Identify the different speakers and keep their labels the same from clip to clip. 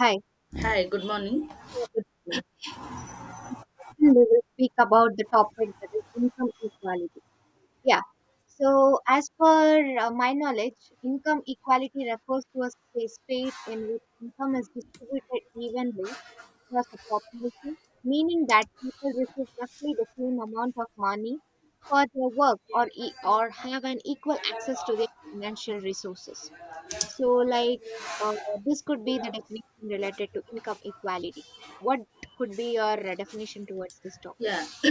Speaker 1: Hi,
Speaker 2: Hi, good morning.
Speaker 1: good evening. Today we will speak about the topic that is income equality. Yeah. So, as per my knowledge, income equality refers to a state in which income is distributed evenly across a population, meaning that people receive roughly the same amount of money for their work or have an equal access to their financial resources. So, uh, this could be the definition related to income equality. What could be your definition towards this topic?
Speaker 2: Yeah,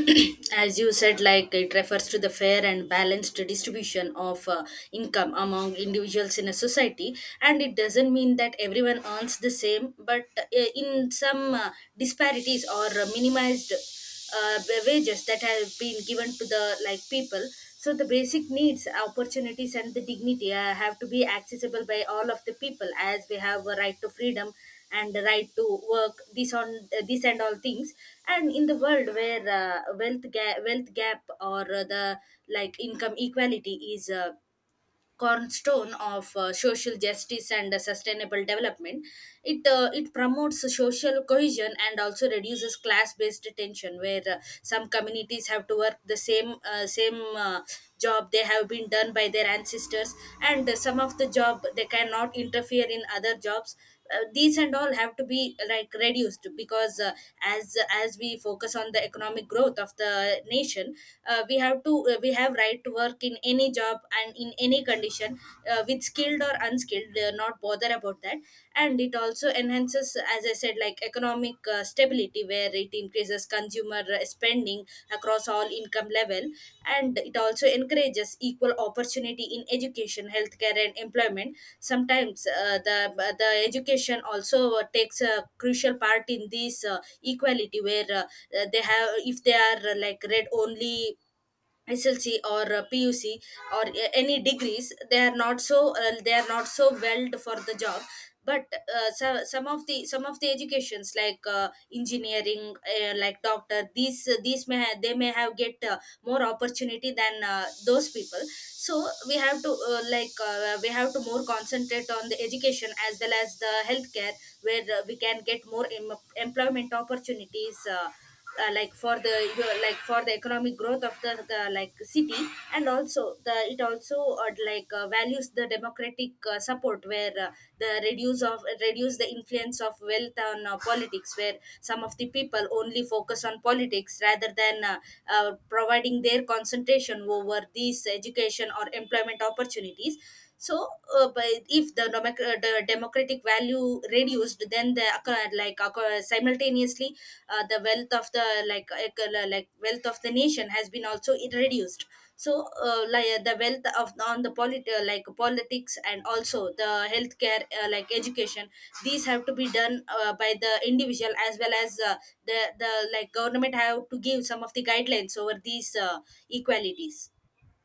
Speaker 2: as you said, like it refers to the fair and balanced distribution of income among individuals in a society, and it doesn't mean that everyone earns the same, but in some disparities or minimized wages that have been given to the like people. So the basic needs, opportunities, and the dignity have to be accessible by all of the people, as we have a right to freedom and the right to work this on this and all things, and in the world where wealth gap or the like income equality is a cornerstone of social justice and sustainable development. It promotes social cohesion and also reduces class based tension, where some communities have to work the same job they have been done by their ancestors, and some of the job they cannot interfere in other jobs. These and all have to be like reduced, because as we focus on the economic growth of the nation, we have right to work in any job and in any condition, with skilled or unskilled, not bother about that. And it also enhances, as I said, like economic stability, where it increases consumer spending across all income level, and it also encourages equal opportunity in education, healthcare and employment. Sometimes the education also takes a crucial part in this equality, where they have, if they are like read only SLC or PUC or any degrees, they are not so they are not so welled for the job. But so, some of the educations like engineering, like doctor, they may have get more opportunity than those people. So we have to we have to more concentrate on the education as well as the healthcare, where we can get more employment opportunities. Like for the like for the economic growth of the like city. And also the, it also like values the democratic support, where the reduce of reduce the influence of wealth on politics, where some of the people only focus on politics rather than providing their concentration over these education or employment opportunities. So but if the democratic value reduced, then the acco- like acco- simultaneously the wealth of the like ec- like wealth of the nation has been also reduced. So the wealth of on like politics, and also the healthcare like education, these have to be done by the individual as well as the like government have to give some of the guidelines over these equalities.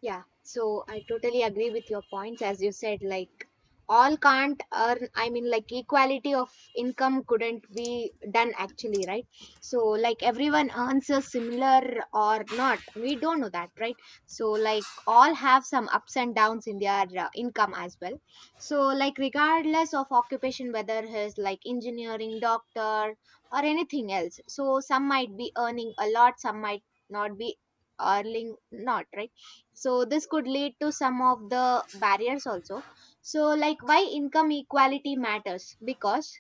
Speaker 1: Yeah, so I totally agree with your points. As you said, like all can't earn, I mean, like equality of income couldn't be done actually, right? So, like everyone earns a similar or not, we don't know that, right? So, like all have some ups and downs in their income as well. So, like, regardless of occupation, whether he's like engineering, doctor, or anything else, so some might be earning a lot, some might not be earning, not right. So this could lead to some of the barriers also. So like, why income equality matters, because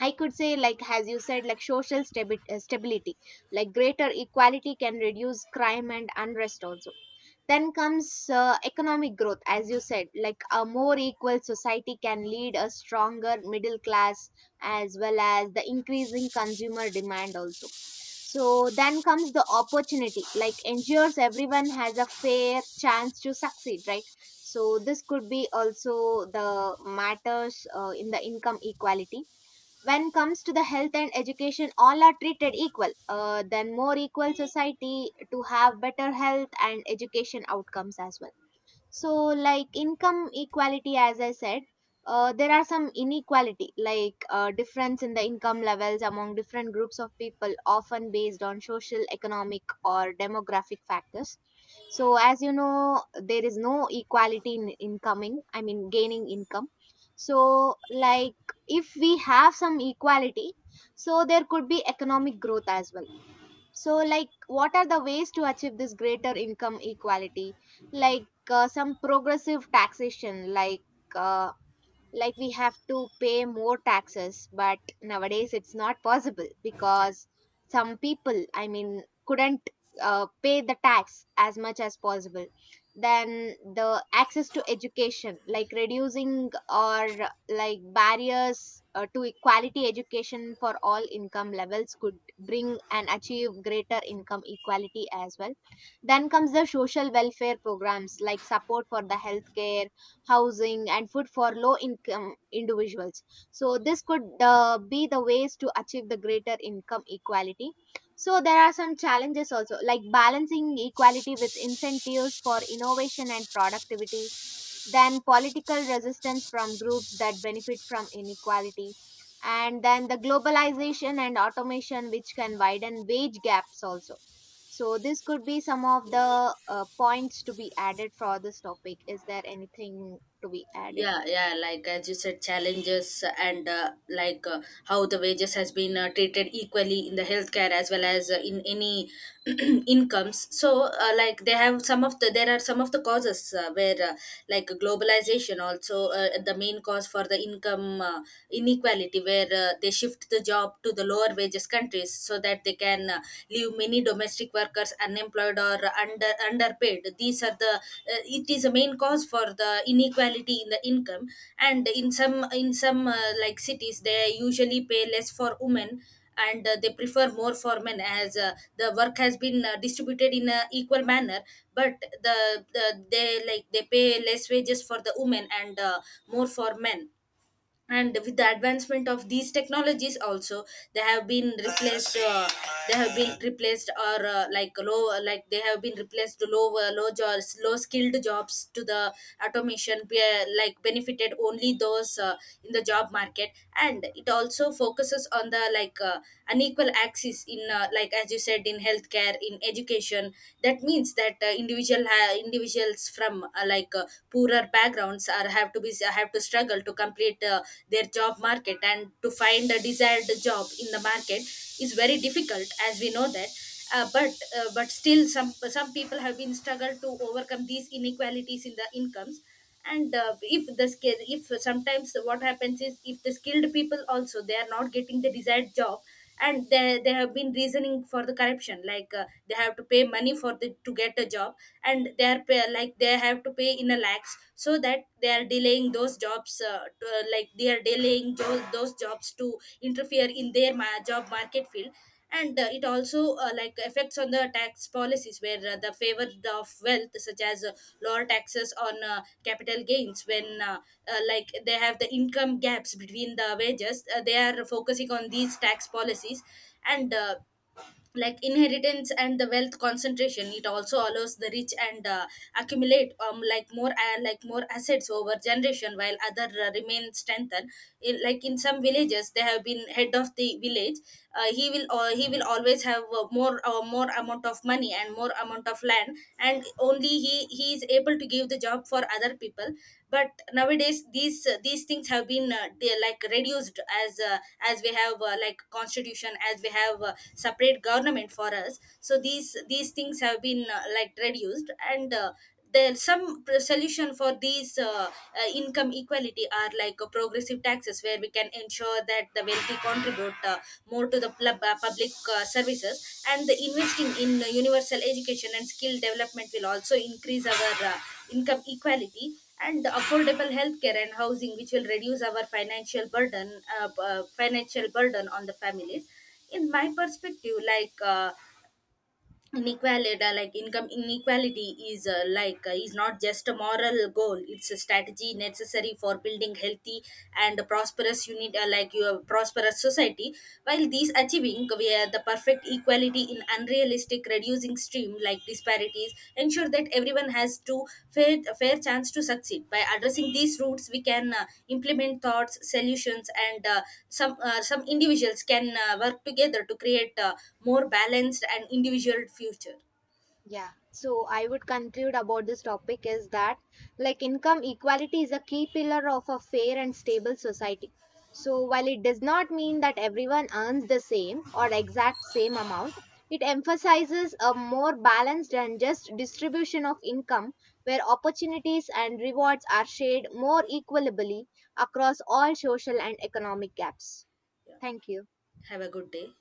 Speaker 1: I could say, like as you said, like social stability, like greater equality can reduce crime and unrest also. Then comes economic growth, as you said, like a more equal society can lead a stronger middle class as well as the increasing consumer demand also. So then comes the opportunity, like ensures everyone has a fair chance to succeed, right? So this could be also the matters in the income equality. When comes to the health and education, all are treated equal. Then more equal society to have better health and education outcomes as well. So like income equality, as I said, there are some inequality, like difference in the income levels among different groups of people, often based on social, economic or demographic factors. So as you know, there is no equality in incoming, I mean gaining income. So like, if we have some equality, so there could be economic growth as well. So like, what are the ways to achieve this greater income equality? Like some progressive taxation, uh, like we have to pay more taxes, but nowadays it's not possible
Speaker 2: yeah
Speaker 1: because some people, I mean, couldn't pay the tax as much as possible. Then the access to education, like reducing or like barriers to equality education for all income levels could bring and achieve greater income equality as well. Then comes the social welfare programs, like support for the healthcare, housing and food for low income individuals. So this could be the ways to achieve the greater income equality. So there are some challenges also, like balancing equality with incentives for innovation and productivity, then political resistance from groups that benefit from inequality, and then the globalization and automation which can widen wage gaps also. So this could be some of the points to be added for this topic. Is there anything to be added?
Speaker 2: yeah yeah like as you said, challenges and how the wages has been treated equally in the healthcare as well as in any incomes. So like they have some of the, there are some of the causes, where like globalization also the main cause for the income inequality, where they shift the job to the lower wages countries, so that they can live many domestic workers unemployed or underpaid. These are the it is a main cause for the inequality in the income. And in some like cities, they usually pay less for women, and they prefer more for men, as the work has been distributed in a equal manner. But the, the they like they pay less wages for the women, and more for men. And with the advancement of these technologies also, they have been replaced uh, they have been replaced, or like they have been replaced low low jobs, low skilled jobs, to the automation like benefited only those in the job market. And it also focuses on the unequal access in like as you said in healthcare, in education. That means that individuals from poorer backgrounds are, have to be, have to struggle to complete their job market, and to find a desired job in the market is very difficult, as we know that. But but still some people have been struggled to overcome these inequalities in the incomes. And if the skill, if sometimes what happens is, if the skilled people also, they are not getting the desired job, and they have been reasoning for the corruption, like they have to pay money for the to get a job. And like they have to pay in a lakhs, so that they are delaying those jobs, like they are delaying those jobs to interfere in their job market field. And it also like affects on the tax policies, where the favor of wealth, such as lower taxes on capital gains, when like they have the income gaps between the wages, they are focusing on these tax policies. And like inheritance and the wealth concentration, it also allows the rich and accumulate like more assets over generation, while other remain strengthened. In, like in some villages, they have been head of the village. He will always have more amount of money and more amount of land, and only he is able to give the job for other people. But nowadays these things have been they are like reduced, as uh, as we have like constitution, as we have separate government for us, so these things have been like reduced. And there's some solution for these income equality, are like progressive taxes, where we can ensure that the wealthy contribute more to the public services, and the investing in universal education and skill development will also increase our income equality, and affordable healthcare and housing, which will reduce our financial burden, financial burden on the families. In my perspective, like inequality like income inequality is is not just a moral goal, it's a strategy necessary for building healthy and prosperous unit like your prosperous society. While these achieving we are the perfect equality in unrealistic, reducing extreme like disparities, ensure that everyone has to fair, a fair chance to succeed. By addressing these roots, we can implement thoughts solutions, and some individuals can work together to create a more balanced and individual future.
Speaker 1: Yeah, so I would conclude about this topic is that like income equality is a key pillar of a fair and stable society. So while it does not mean that everyone earns the same or exact same amount, it emphasizes a more balanced and just distribution of income where opportunities and rewards are shared more equitably across all social and economic gaps.
Speaker 2: Yeah.
Speaker 1: Thank you.
Speaker 2: Have a good day.